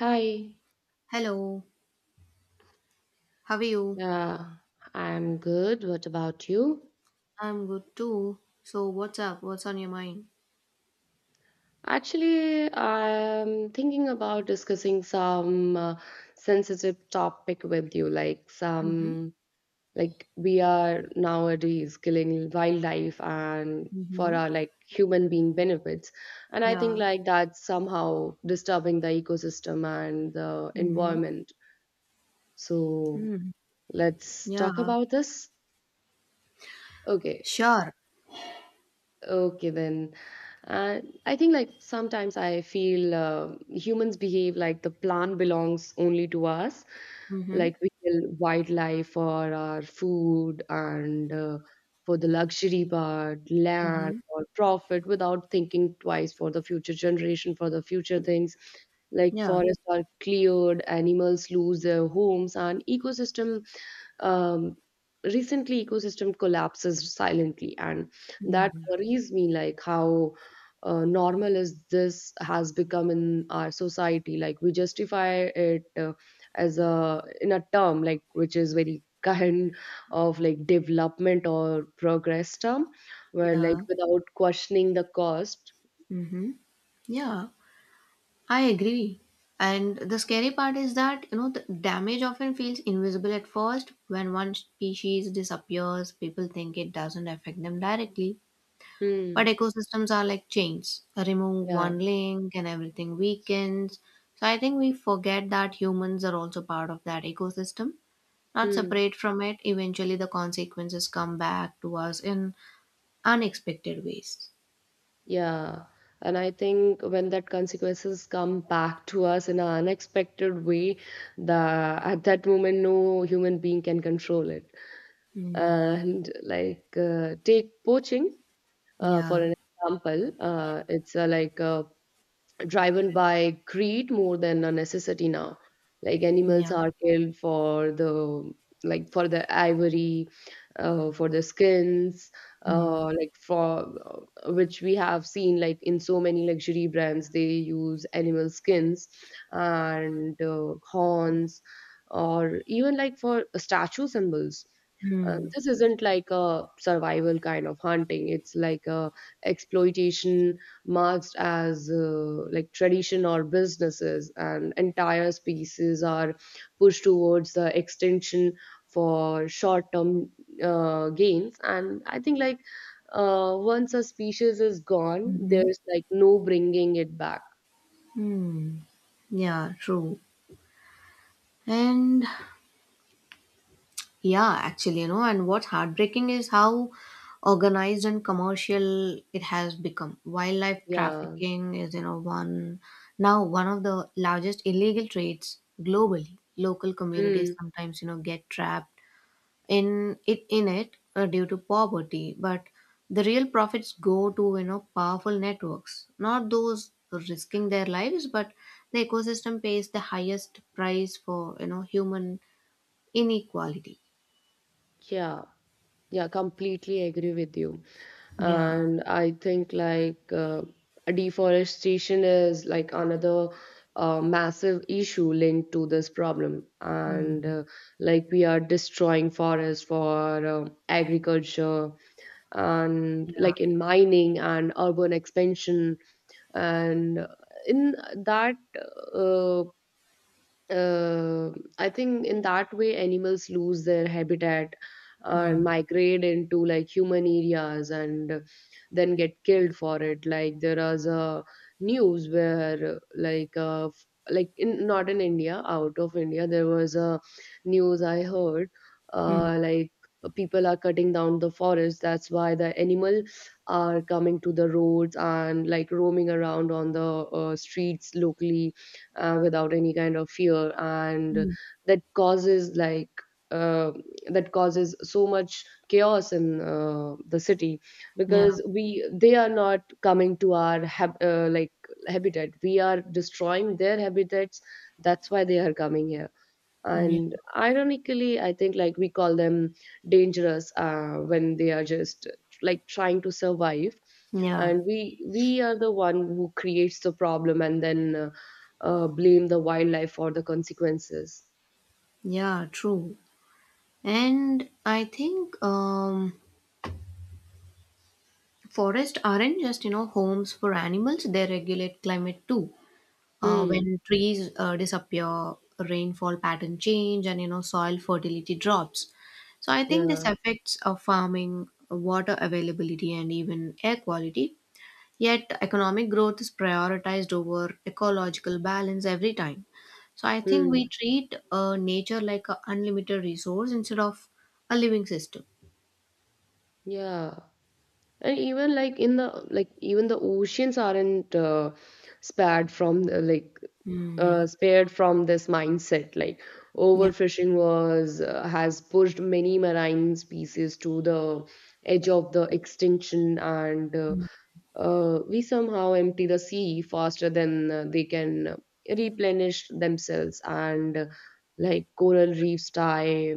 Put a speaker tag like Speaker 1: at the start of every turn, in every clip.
Speaker 1: Hi.
Speaker 2: Hello, how are you?
Speaker 1: Yeah, I'm good. What about you?
Speaker 2: I'm good too. So, what's up? What's on your mind?
Speaker 1: Actually, I'm thinking about discussing some sensitive topic with you, like
Speaker 2: Mm-hmm.
Speaker 1: some like we are nowadays killing wildlife and for
Speaker 2: Mm-hmm.
Speaker 1: our like human being benefits. And I think
Speaker 2: Yeah.
Speaker 1: like that's somehow disturbing the ecosystem and the
Speaker 2: Mm-hmm.
Speaker 1: environment. So
Speaker 2: Mm.
Speaker 1: let's talk
Speaker 2: Yeah.
Speaker 1: about this. Okay.
Speaker 2: Sure.
Speaker 1: Okay, then. Uh, I think like sometimes I feel humans behave like the plant belongs only to us.
Speaker 2: Mm-hmm.
Speaker 1: Like we kill wildlife for our food and for the luxury part, land
Speaker 2: Mm-hmm.
Speaker 1: or profit without thinking twice for the future generation, for the future things. Like
Speaker 2: Yeah.
Speaker 1: forests are cleared, animals lose their homes, and um, ecosystem collapses silently and that
Speaker 2: Mm.
Speaker 1: worries me like how normal is this has become in our society, like we justify it as a in a term like which is very kind of like development or progress term where like
Speaker 2: Yeah.
Speaker 1: without questioning the cost.
Speaker 2: Mm-hmm. Yeah. I agree. And the scary part is that, the damage often feels invisible at first. When one species disappears, people think it doesn't affect them directly. But
Speaker 1: Hmm.
Speaker 2: ecosystems are like chains. Remove
Speaker 1: Yeah.
Speaker 2: one link and everything weakens. So I think we forget that humans are also part of that ecosystem, not
Speaker 1: Hmm.
Speaker 2: separate from it. Eventually, the consequences come back to us in unexpected ways.
Speaker 1: Yeah. And I think when that consequences come back to us in an unexpected way, the at that moment no human being can control it.
Speaker 2: Mm.
Speaker 1: And like take poaching for
Speaker 2: Yeah,
Speaker 1: an example. It's driven by greed more than a necessity now, like animals
Speaker 2: yeah.
Speaker 1: are killed for the for the ivory, for the skins,
Speaker 2: Mm.
Speaker 1: like for which we have seen like in so many luxury brands they use animal skins and horns or even like for statue symbols.
Speaker 2: Mm.
Speaker 1: This isn't like a survival kind of hunting. It's like a exploitation marked as like tradition or businesses, and entire species are pushed towards the extinction for short-term gains. And I think like once a species is gone,
Speaker 2: Mm-hmm.
Speaker 1: there's like no bringing it back.
Speaker 2: Mm. Yeah, true. And Yeah, actually, and what's heartbreaking is how organized and commercial it has become. Wildlife
Speaker 1: Yeah.
Speaker 2: trafficking is, one now one of the largest illegal trades globally. Local communities
Speaker 1: Mm.
Speaker 2: sometimes, get trapped in it due to poverty, but the real profits go to, powerful networks, not those risking their lives, but the ecosystem pays the highest price for, human inequality.
Speaker 1: Yeah. Yeah. Completely agree with you.
Speaker 2: Yeah.
Speaker 1: And I think like deforestation is like another massive issue linked to this problem, and
Speaker 2: Mm,
Speaker 1: like we are destroying forests for agriculture and
Speaker 2: yeah.
Speaker 1: like in mining and urban expansion, and in that uh, uh, I think in that way animals lose their habitat and
Speaker 2: Mm,
Speaker 1: migrate into like human areas and then get killed for it. Like there is a news where like in, not in India, out of India, there was a news I heard,
Speaker 2: mm,
Speaker 1: like people are cutting down the forest. That's why the animal are coming to the roads and like roaming around on the streets locally without any kind of fear, and
Speaker 2: mm.
Speaker 1: that causes like uh, that causes so much chaos in the city,
Speaker 2: Yeah.
Speaker 1: because we they are not coming to our habitat, we are destroying their habitats, that's why they are coming here.
Speaker 2: Yeah.
Speaker 1: And ironically I think like we call them dangerous when they are just like trying to survive,
Speaker 2: Yeah.
Speaker 1: and we are the one who creates the problem and then blame the wildlife for the consequences.
Speaker 2: Yeah. True. And I think forests aren't just, homes for animals. They regulate climate too. Uh,
Speaker 1: Hmm.
Speaker 2: when trees disappear, rainfall pattern change and, soil fertility drops. So I think this
Speaker 1: Yeah.
Speaker 2: affects farming, water availability and even air quality. Yet, economic growth is prioritized over ecological balance every time. So, I think we
Speaker 1: Hmm.
Speaker 2: treat nature like an unlimited resource instead of a living system.
Speaker 1: Yeah. And even like in the like even the oceans aren't spared from the, like
Speaker 2: Mm,
Speaker 1: spared from this mindset. Like
Speaker 2: yeah.
Speaker 1: overfishing was has pushed many marine species to the edge of the extinction, and
Speaker 2: Mm,
Speaker 1: we somehow empty the sea faster than they can replenish themselves, and like coral reefs die,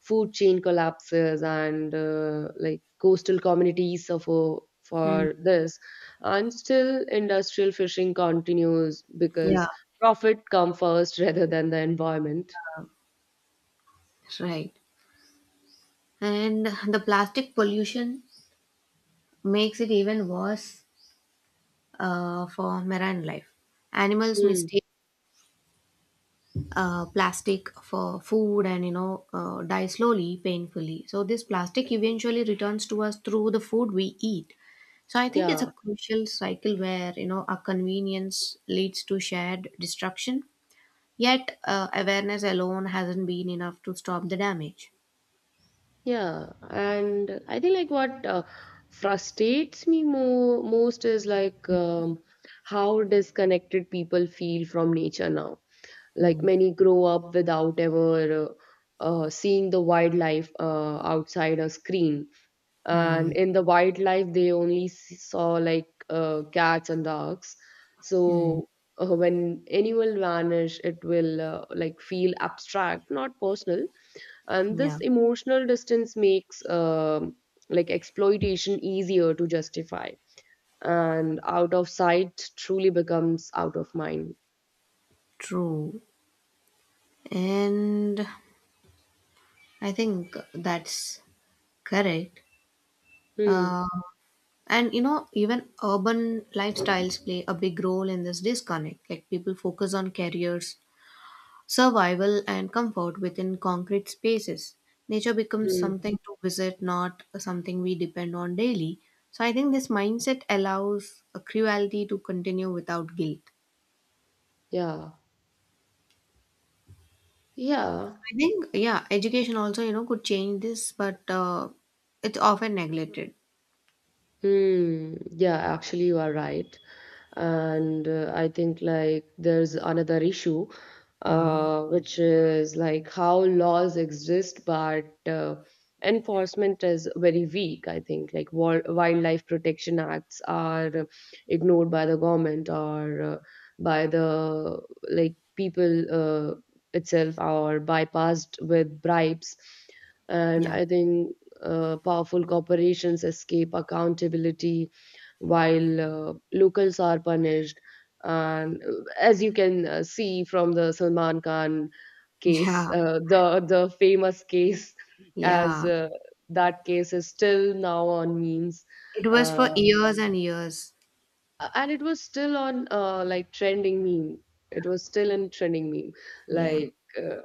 Speaker 1: food chain collapses, and like coastal communities suffer
Speaker 2: mm,
Speaker 1: for this, and still industrial fishing continues
Speaker 2: yeah.
Speaker 1: because profit come first rather than the environment.
Speaker 2: Right. And the plastic pollution makes it even worse for marine life. Animals
Speaker 1: Hmm.
Speaker 2: mistake plastic for food and die slowly painfully. So this plastic eventually returns to us through the food we eat. So I think it's
Speaker 1: Yeah.
Speaker 2: a crucial cycle where our convenience leads to shared destruction. Yet awareness alone hasn't been enough to stop the damage.
Speaker 1: Yeah, and I think like what frustrates me more most is like how disconnected people feel from nature now. Like
Speaker 2: Hmm.
Speaker 1: many grow up without ever seeing the wildlife outside a screen, and
Speaker 2: Hmm.
Speaker 1: in the wildlife they only saw like cats and dogs.
Speaker 2: Hmm.
Speaker 1: So when animal vanish, it will like feel abstract, not personal, and this
Speaker 2: Yeah,
Speaker 1: emotional distance makes like exploitation easier to justify, and out of sight truly becomes out of mind.
Speaker 2: true. And I think that's correct.
Speaker 1: Hmm.
Speaker 2: Uh, And even urban lifestyles play a big role in this disconnect. Like people focus on careers, survival, and comfort within concrete spaces. Nature becomes
Speaker 1: Hmm.
Speaker 2: something to visit, not something we depend on daily. So I think this mindset allows a cruelty to continue without guilt.
Speaker 1: Yeah. Yeah.
Speaker 2: I think, yeah, education also, could change this, but it's often neglected.
Speaker 1: Hmm. Yeah, actually you are right. And I think like there's another issue
Speaker 2: Hmm.
Speaker 1: which is like how laws exist but enforcement is very weak. I think like wildlife protection acts are ignored by the government or by the like people itself, or bypassed with bribes. And
Speaker 2: Yeah.
Speaker 1: I think powerful corporations escape accountability while locals are punished. And as you can see from the Salman Khan case,
Speaker 2: Yeah.
Speaker 1: the famous case, as
Speaker 2: Yeah.
Speaker 1: that case is still now on memes,
Speaker 2: It was for
Speaker 1: uh,
Speaker 2: years and years.
Speaker 1: and it was still on like trending meme. It was still in trending meme,
Speaker 2: Yeah.
Speaker 1: like. Uh,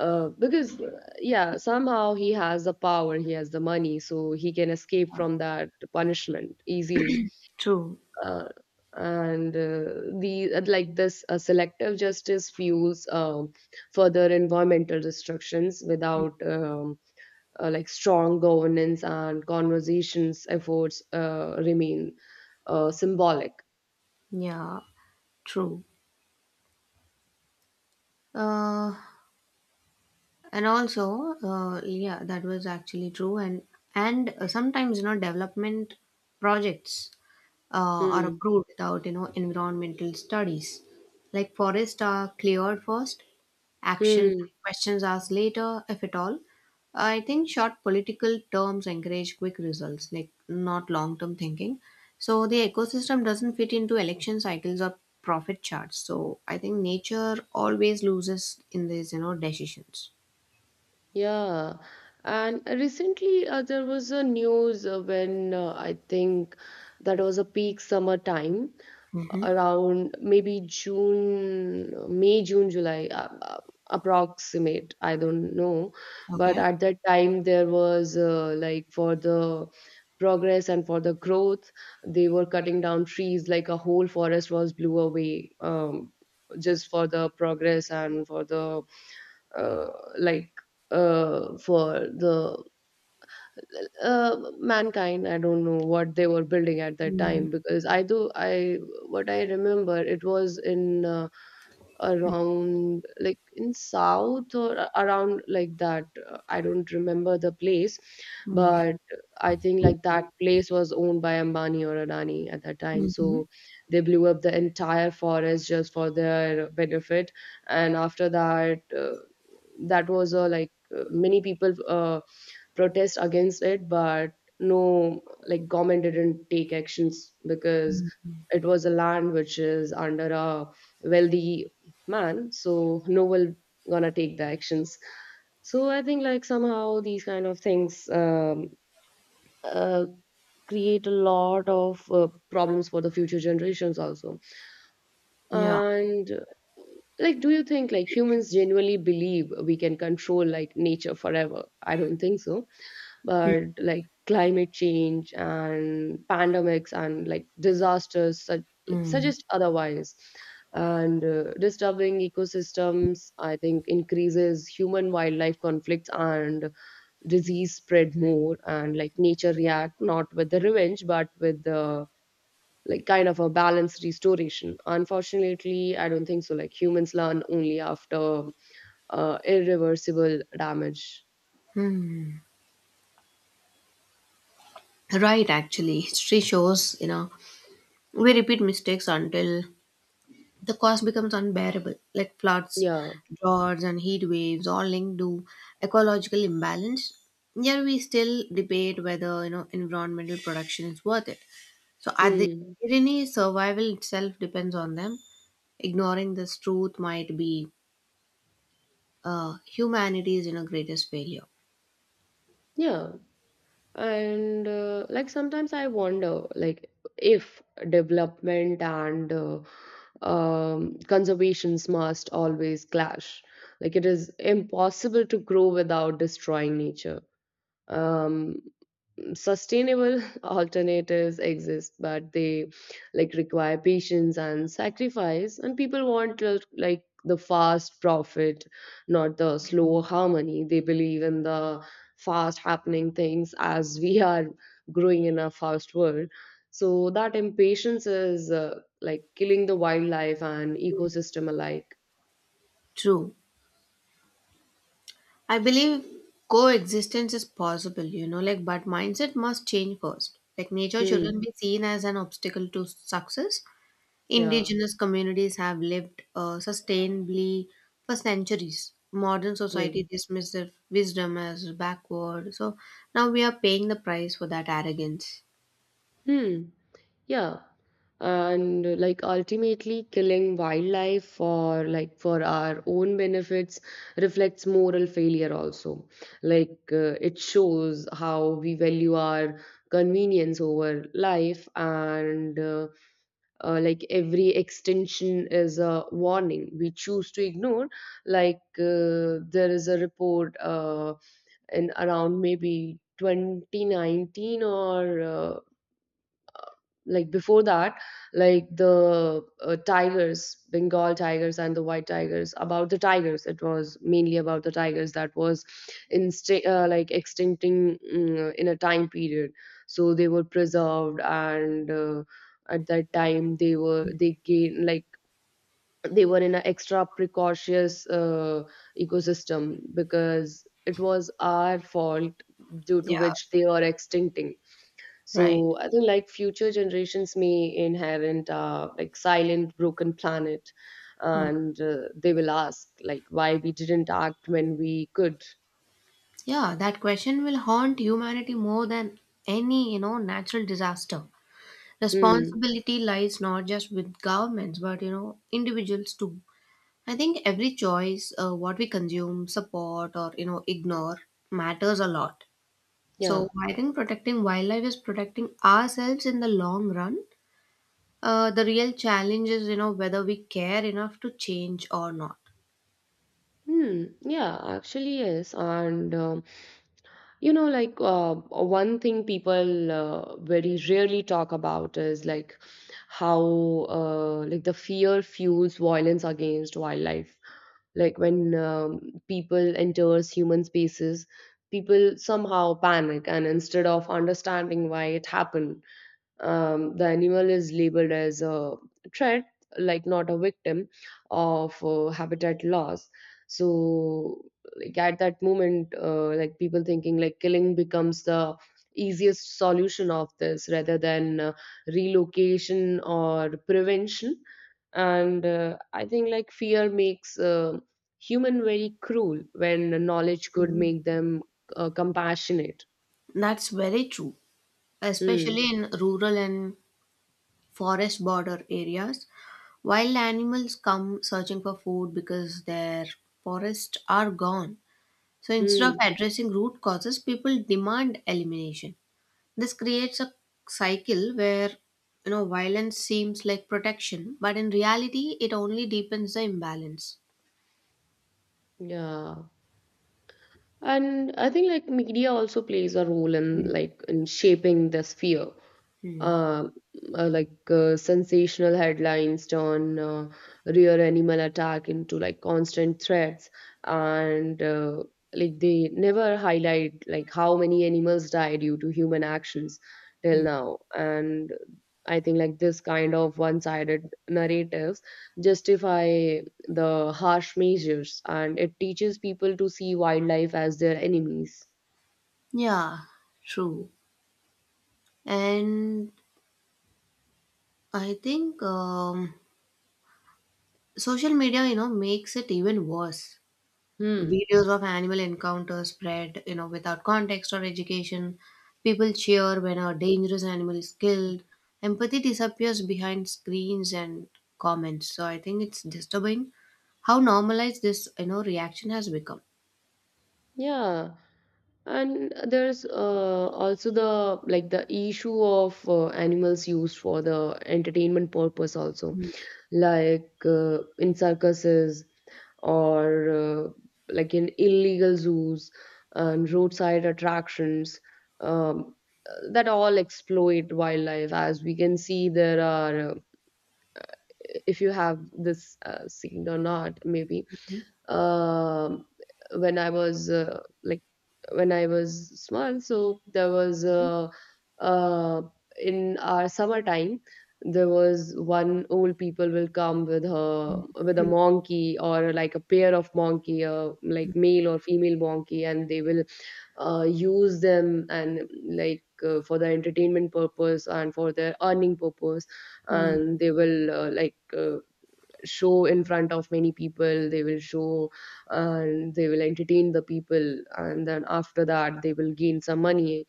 Speaker 1: uh, because yeah, somehow he has the power, he has the money, so he can escape from that punishment easily.
Speaker 2: True.
Speaker 1: Uh, and uh, the like this selective justice fuels further environmental destructions, without like strong governance and conversations, efforts remain symbolic.
Speaker 2: Yeah, true. Uh, and also, yeah, that was actually true. And sometimes development projects are
Speaker 1: Hmm.
Speaker 2: approved without environmental studies. Like forests are cleared first, action
Speaker 1: Hmm.
Speaker 2: questions asked later, if at all. I think short political terms encourage quick results, like not long term thinking, so the ecosystem doesn't fit into election cycles or profit charts. So I think nature always loses in these decisions.
Speaker 1: Yeah. And recently, there was a news when I think that was a peak summer time,
Speaker 2: Mm-hmm.
Speaker 1: around maybe June, May, June, July, approximate. I don't know, but
Speaker 2: Okay.
Speaker 1: at that time there was like for the progress and for the growth, they were cutting down trees. Like a whole forest was blew away, just for the progress and for the uh, like uh, for the mankind. I don't know what they were building at that time,
Speaker 2: Mm-hmm.
Speaker 1: because I do I what I remember it was in around like in south or around like that. I don't remember the place, but I think like that place was owned by Ambani or Adani at that time,
Speaker 2: Mm-hmm.
Speaker 1: so they blew up the entire forest just for their benefit. And after that, that was a like many people protest against it, but no, like government didn't take actions because it was a land which is under a wealthy man, so no one gonna take the actions. So I think like somehow these kind of things uh, create a lot of problems for the future generations also.
Speaker 2: Yeah.
Speaker 1: And like do you think like humans genuinely believe we can control like nature forever? I don't think so, but like climate change and pandemics and like disasters like
Speaker 2: Mm-hmm.
Speaker 1: suggest otherwise. And disturbing ecosystems, I think, increases human wildlife conflicts and disease spread more, and like nature react not with the revenge but with the like kind of a balanced restoration. Unfortunately, I don't think so, like humans learn only after irreversible damage.
Speaker 2: Right, actually, history shows, we repeat mistakes until the cost becomes unbearable, like floods,
Speaker 1: Yeah.
Speaker 2: droughts, and heat waves, all linked to ecological imbalance. Yet we still debate whether, environmental production is worth it. So, at the
Speaker 1: Hmm.
Speaker 2: irony, survival itself depends on them. Ignoring this truth might be humanity's, greatest failure.
Speaker 1: Yeah, and like sometimes I wonder like if development and conservations must always clash, like it is impossible to grow without destroying nature. um Sustainable alternatives exist, but they like require patience and sacrifice, and people want like the fast profit, not the slow harmony. They believe in the fast happening things, as we are growing in a fast world. So that impatience is like killing the wildlife and ecosystem alike.
Speaker 2: True. I believe coexistence is possible, like, but mindset must change first. Like, nature
Speaker 1: Hmm.
Speaker 2: shouldn't be seen as an obstacle to success.
Speaker 1: Yeah.
Speaker 2: Indigenous communities have lived sustainably for centuries. Modern
Speaker 1: Yeah.
Speaker 2: society dismisses their wisdom as backward. So now we are paying the price for that arrogance.
Speaker 1: Hmm. Yeah. And like ultimately killing wildlife for like for our own benefits reflects moral failure also. Like it shows how we value our convenience over life, and like every extension is a warning we choose to ignore. Like there is a report in around maybe 2019 or like before that, like the tigers, Bengal tigers and the white tigers, about the tigers, it was mainly about the tigers that was like extincting, mm, in a time period. So they were preserved, and at that time they gained like they were in an extra precautious ecosystem, because it was our fault due to
Speaker 2: Yeah,
Speaker 1: which they are extincting.
Speaker 2: right.
Speaker 1: So I think like future generations may inherit like silent, broken planet,
Speaker 2: Hmm.
Speaker 1: and they will ask like why we didn't act when we could.
Speaker 2: Yeah, that question will haunt humanity more than any, natural disaster.
Speaker 1: Hmm.
Speaker 2: Responsibility lies not just with governments, but individuals too. I think every choice, what we consume, support, or ignore, matters a lot. So
Speaker 1: Yeah.
Speaker 2: I think protecting wildlife is protecting ourselves in the long run. The real challenge is, whether we care enough to change or not.
Speaker 1: Hmm. Yeah. Actually, yes. And you know, like one thing people very rarely talk about is like how like the fear fuels violence against wildlife. Like when people enters human spaces, people somehow panic, and instead of understanding why it happened, the animal is labeled as a threat, like not a victim of habitat loss. So, like at that moment, like people thinking like killing becomes the easiest solution of this, rather than relocation or prevention. And I think like fear makes human very cruel when knowledge could
Speaker 2: Mm.
Speaker 1: make them compassionate.
Speaker 2: That's very true,
Speaker 1: Hmm.
Speaker 2: especially in rural and forest border areas. Wild animals come searching for food because their forests are gone. So instead of
Speaker 1: Hmm.
Speaker 2: addressing root causes, people demand elimination. This creates a cycle where violence seems like protection, but in reality, it only deepens the imbalance.
Speaker 1: Yeah. And I think like media also plays a role in
Speaker 2: Mm,
Speaker 1: like in shaping this fear.
Speaker 2: mm,
Speaker 1: uh, like sensational headlines turn real animal attack into like constant threats. And like they never highlight like how many animals die due to human actions till
Speaker 2: mm.
Speaker 1: now. And I think like this kind of one-sided narratives justify the harsh measures, and it teaches people to see wildlife as their enemies.
Speaker 2: Yeah, true. And I think social media, makes it even worse.
Speaker 1: Hmm.
Speaker 2: Videos of animal encounters spread, without context or education. People cheer when a dangerous animal is killed. Empathy disappears behind screens and comments. So I think it's disturbing how normalized this, reaction has become.
Speaker 1: Yeah. And there's also the issue of animals used for the entertainment purpose also,
Speaker 2: Mm,
Speaker 1: like in circuses or like in illegal zoos and roadside attractions, um, that all exploit wildlife. As we can see, there are if you have this seed or not maybe,
Speaker 2: mm,
Speaker 1: um, when I was like when I was small. So there was uh, in our summertime there was one old people will come with her with a
Speaker 2: mm,
Speaker 1: monkey or like a pair of monkey, like male or female monkey, and they will use them and like for their entertainment purpose and for their earning purpose.
Speaker 2: mm,
Speaker 1: And they will show in front of many people. They will show and they will entertain the people, and then after that they will gain some money,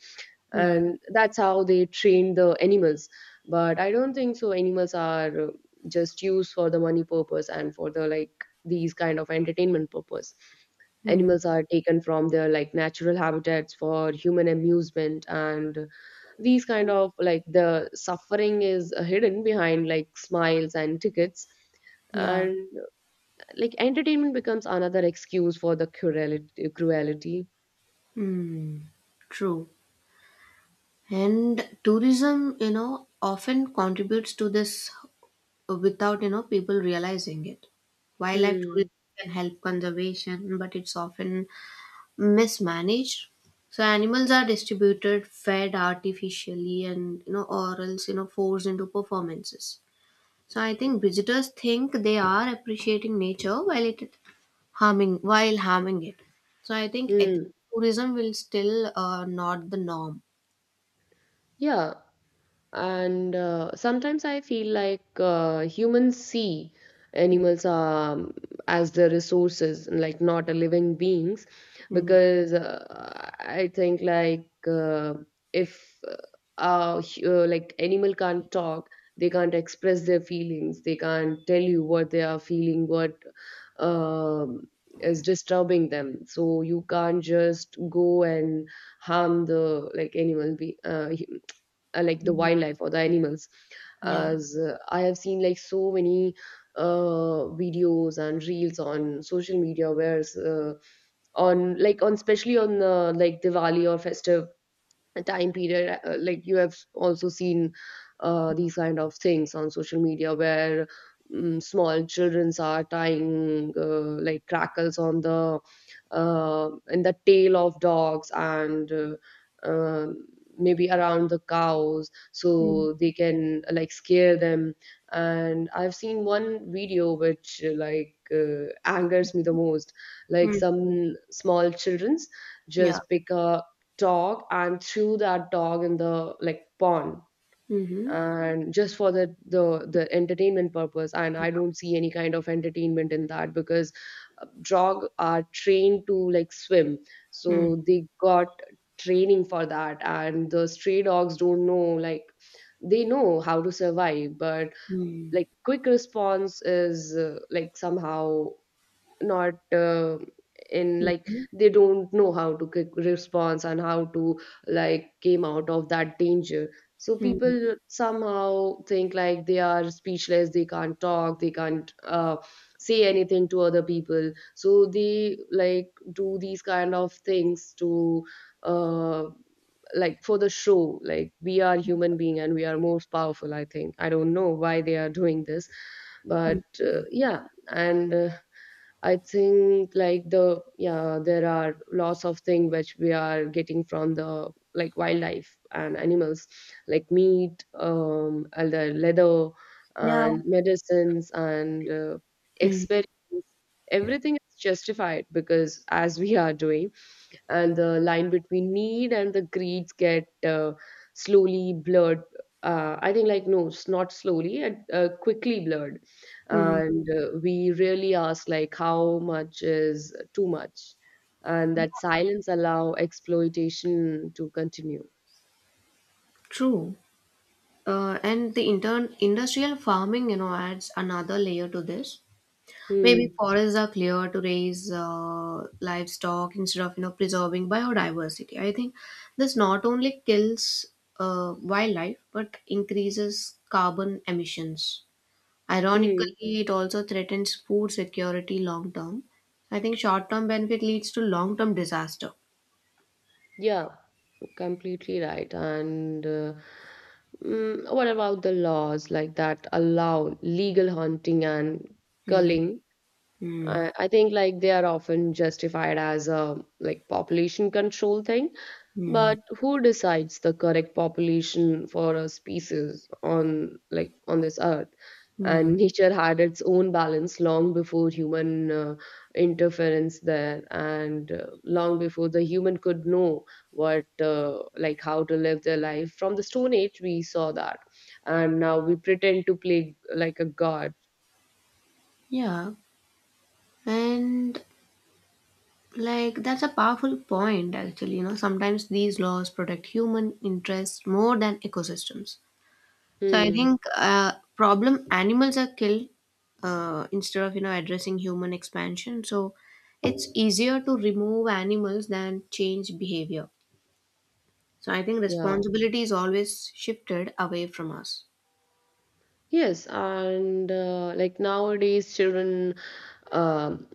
Speaker 2: mm,
Speaker 1: and that's how they train the animals. But I don't think so animals are just used for the money purpose and for the like these kind of entertainment purpose.
Speaker 2: mm.
Speaker 1: Animals are taken from their like natural habitats for human amusement, and these kind of like the suffering is hidden behind like smiles and tickets,
Speaker 2: Yeah.
Speaker 1: and like entertainment becomes another excuse for the cruelty. Cruelty.
Speaker 2: Mm. True. And tourism, often contributes to this without people realizing it. Wildlife
Speaker 1: Hmm.
Speaker 2: tourism can help conservation, but it's often mismanaged, so animals are distributed, fed artificially, and or else forced into performances. So I think visitors think they are appreciating nature while harming it. So I think ethical
Speaker 1: Hmm.
Speaker 2: tourism will still not the norm.
Speaker 1: Yeah. And sometimes I feel like humans see animals as their resources and like not a living beings,
Speaker 2: Mm,
Speaker 1: because I think like if hu- like animal can't talk. They can't express their feelings, they can't tell you what they are feeling, what um is disturbing them. So you can't just go and harm the like animal be like the
Speaker 2: mm,
Speaker 1: wildlife or the animals,
Speaker 2: yeah.
Speaker 1: as I have seen like so many videos and reels on social media where on like on especially on like Diwali or festive time period. Like you have also seen these kind of things on social media where, small childrens are tying like crackers on the in the tail of dogs and, um, maybe around the cows,
Speaker 2: Mm,
Speaker 1: so they can like scare them. And I've seen one video which angers me the most, like
Speaker 2: mm,
Speaker 1: some small childrens
Speaker 2: yeah.
Speaker 1: just pick a dog and threw that dog in the like pond,
Speaker 2: Mm-hmm.
Speaker 1: and just for the entertainment purpose. And I don't see any kind of entertainment in that, because dog are trained to like swim,
Speaker 2: Mm,
Speaker 1: so they got training for that. And the stray dogs don't know like they know how to survive, but
Speaker 2: mm.
Speaker 1: like quick response is like somehow not in like
Speaker 2: Mhm,
Speaker 1: they don't know how to quick response and how to like came out of that danger. So
Speaker 2: mhm,
Speaker 1: people somehow think like they are speechless, they can't talk, they can't say anything to other people, so they like do these kind of things to, uh, like for the show, like we are human being and we are most powerful. I think I don't know why they are doing this.
Speaker 2: mhm.
Speaker 1: But yeah. And I think like the there are lots of things which we are getting from the like wildlife and animals, like meat, and the leather
Speaker 2: Yeah.
Speaker 1: and medicines and
Speaker 2: Mm,
Speaker 1: experiments. Everything is justified because as we are doing, and the line between need and the greeds get slowly blurred. I think, like, no, it's not slowly, it quickly blurred.
Speaker 2: mm.
Speaker 1: And we really ask, like, how much is too much? And that silence allow exploitation to continue.
Speaker 2: True. And the intern industrial farming, adds another layer to this. Maybe
Speaker 1: Hmm.
Speaker 2: forests are cleared to raise livestock instead of, preserving biodiversity. I think this not only kills wildlife but increases carbon emissions.
Speaker 1: Hmm.
Speaker 2: Ironically, it also threatens food security long term. I think short term benefit leads to long term disaster.
Speaker 1: Yeah, completely right. What about the laws like that allow legal hunting and culling?
Speaker 2: Mm-hmm.
Speaker 1: I think like they are often justified as a like population control thing,
Speaker 2: Hmm.
Speaker 1: but who decides the correct population for a species on like on this earth?
Speaker 2: Hmm.
Speaker 1: And nature had its own balance long before human interference there, and long before the human could know what like how to live their life. From the Stone Age, we saw that, and now we pretend to play like a god.
Speaker 2: Yeah. And like that's a powerful point actually, sometimes these laws protect human interests more than ecosystems. So I
Speaker 1: Hmm.
Speaker 2: think problem animals are killed instead of addressing human expansion. So it's easier to remove animals than change behavior. So I think
Speaker 1: Yeah.
Speaker 2: responsibility is always shifted away from us.
Speaker 1: Yes, and like nowadays, children, um,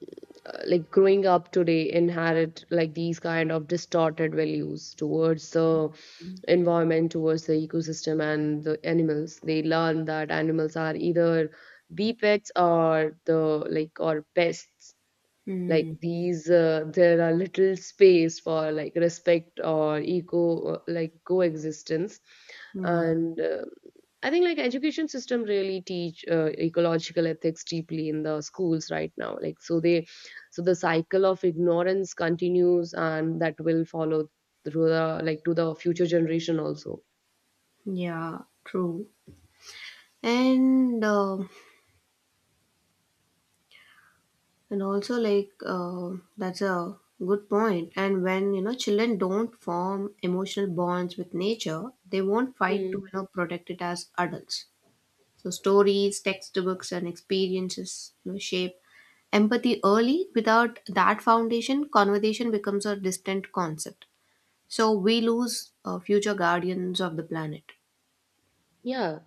Speaker 1: like growing up today inherit like these kind of distorted values towards the environment, towards the ecosystem, and the animals. They learn that animals are either the pets or the like or pests, like
Speaker 2: Hmm.
Speaker 1: these there are little space for like respect or eco like coexistence.
Speaker 2: Hmm.
Speaker 1: And I think like education system really teach ecological ethics deeply in the schools right now, like so they, so the cycle of ignorance continues, and that will follow through the like to the future generation also.
Speaker 2: Yeah, true. And uh, And also, like, that's a good point. And when, children don't form emotional bonds with nature, they won't fight to,
Speaker 1: Mm.
Speaker 2: protect it as adults. So, stories, textbooks, and experiences, shape empathy early. Without that foundation, conversation becomes a distant concept. So, we lose future guardians of the planet.
Speaker 1: Yeah.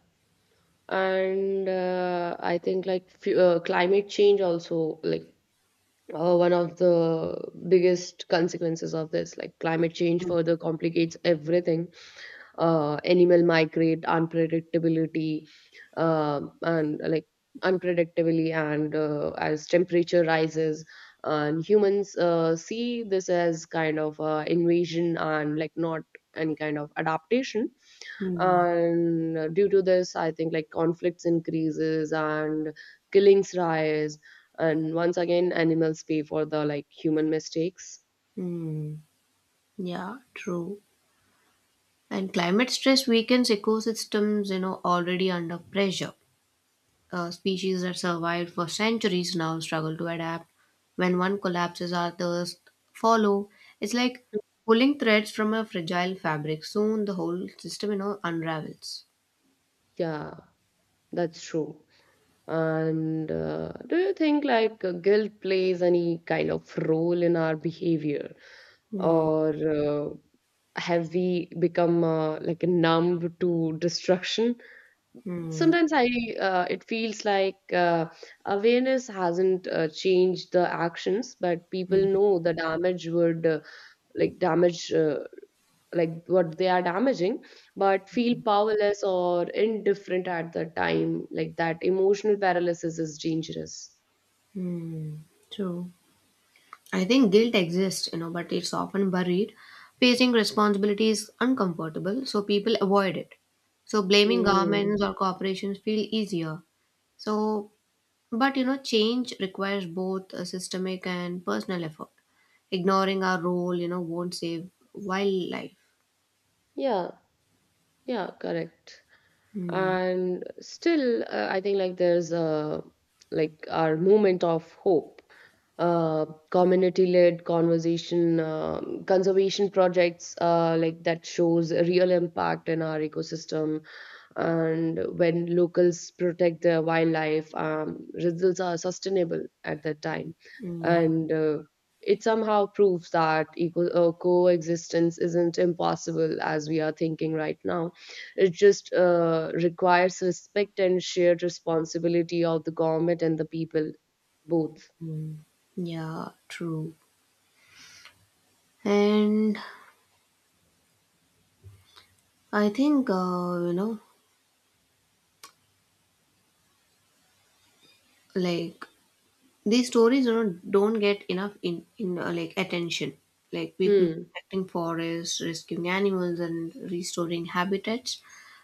Speaker 1: And I think like climate change also, like one of the biggest consequences of this like climate change further complicates everything. Animal migrate unpredictability, and like unpredictably, and as temperature rises, and humans see this as kind of invasion and like not any kind of adaptation.
Speaker 2: Hmm.
Speaker 1: And due to this I think like conflicts increases and killings rise, and once again animals pay for the like human mistakes.
Speaker 2: Hmm. Yeah, true. And climate stress weakens ecosystems, already under pressure. Species that survived for centuries now struggle to adapt. When one collapses, others follow. It's like pulling threads from a fragile fabric. Soon the whole system, unravels.
Speaker 1: Yeah, that's true. And do you think like guilt plays any kind of role in our behavior,
Speaker 2: Hmm.
Speaker 1: or have we become like numb to destruction?
Speaker 2: Hmm.
Speaker 1: Sometimes I, it feels like awareness hasn't changed the actions, but people know the damage would like damage like what they are damaging, but feel powerless or indifferent at the time. Like that emotional paralysis is dangerous.
Speaker 2: Hmm. True. I think guilt exists, but it's often buried. Facing responsibility is uncomfortable, so people avoid it. So blaming
Speaker 1: Mm.
Speaker 2: governments or corporations feel easier. So But change requires both a systemic and personal effort. Ignoring our role, won't save wildlife.
Speaker 1: Yeah, yeah, correct.
Speaker 2: Mm,
Speaker 1: And still I think like there's a like our moment of hope, uh, community-led conversation, conservation projects, like that shows a real impact in our ecosystem. And when locals protect the wildlife, results are sustainable at that time.
Speaker 2: mm.
Speaker 1: And it somehow proves that coexistence isn't impossible as we are thinking right now. It just requires respect and shared responsibility of the government and the people both.
Speaker 2: Yeah, true. And I think, like these stories don't get enough in in like attention. Like people
Speaker 1: Hmm.
Speaker 2: protecting forests, rescuing animals, and restoring habitats,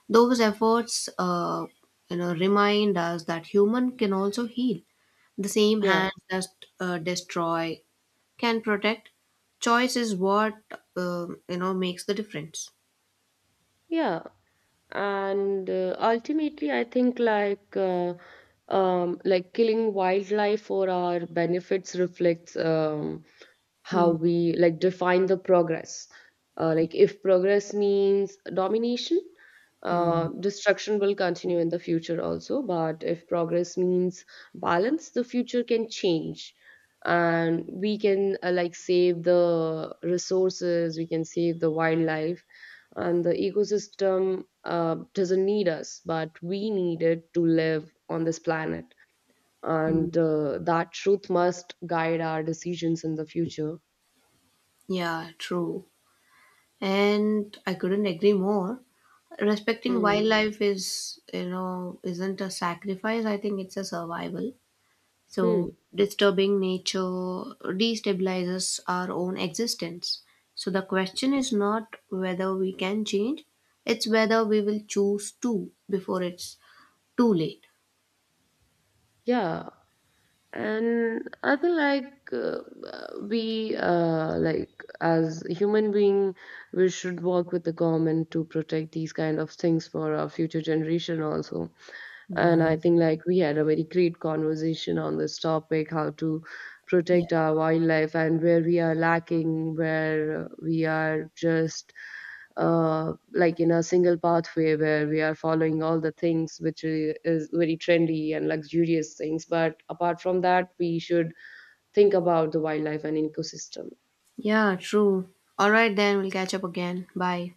Speaker 2: those efforts remind us that human can also heal. The same
Speaker 1: Yeah.
Speaker 2: hands that destroy can protect. Choice is what makes the difference.
Speaker 1: Yeah. And ultimately I think like, like killing wildlife for our benefits reflects how
Speaker 2: Hmm.
Speaker 1: we like define the progress. Like if progress means domination,
Speaker 2: Hmm.
Speaker 1: destruction will continue in the future also. But if progress means balance, the future can change, and we can like save the resources, we can save the wildlife and the ecosystem. Doesn't need us, but we need it to live on this planet. And that truth must guide our decisions in the future.
Speaker 2: Yeah, true. And I couldn't agree more. Respecting
Speaker 1: Mm.
Speaker 2: wildlife is you know isn't a sacrifice. I think it's a survival. So
Speaker 1: Mm.
Speaker 2: disturbing nature destabilizes our own existence. So the question is not whether we can change, it's whether we will choose to before it's too late.
Speaker 1: Yeah. And I feel like we, like as human being, we should work with the government to protect these kind of things for our future generation also. And
Speaker 2: Hmm.
Speaker 1: I think like we had a very great conversation on this topic, how to
Speaker 2: Yeah,
Speaker 1: protect our wildlife and where we are lacking, where we are just like in a single pathway where we are following all the things which is very trendy and luxurious things. But apart from that, we should think about the wildlife and ecosystem.
Speaker 2: yeah, true. All right, then. We'll catch up again. Bye.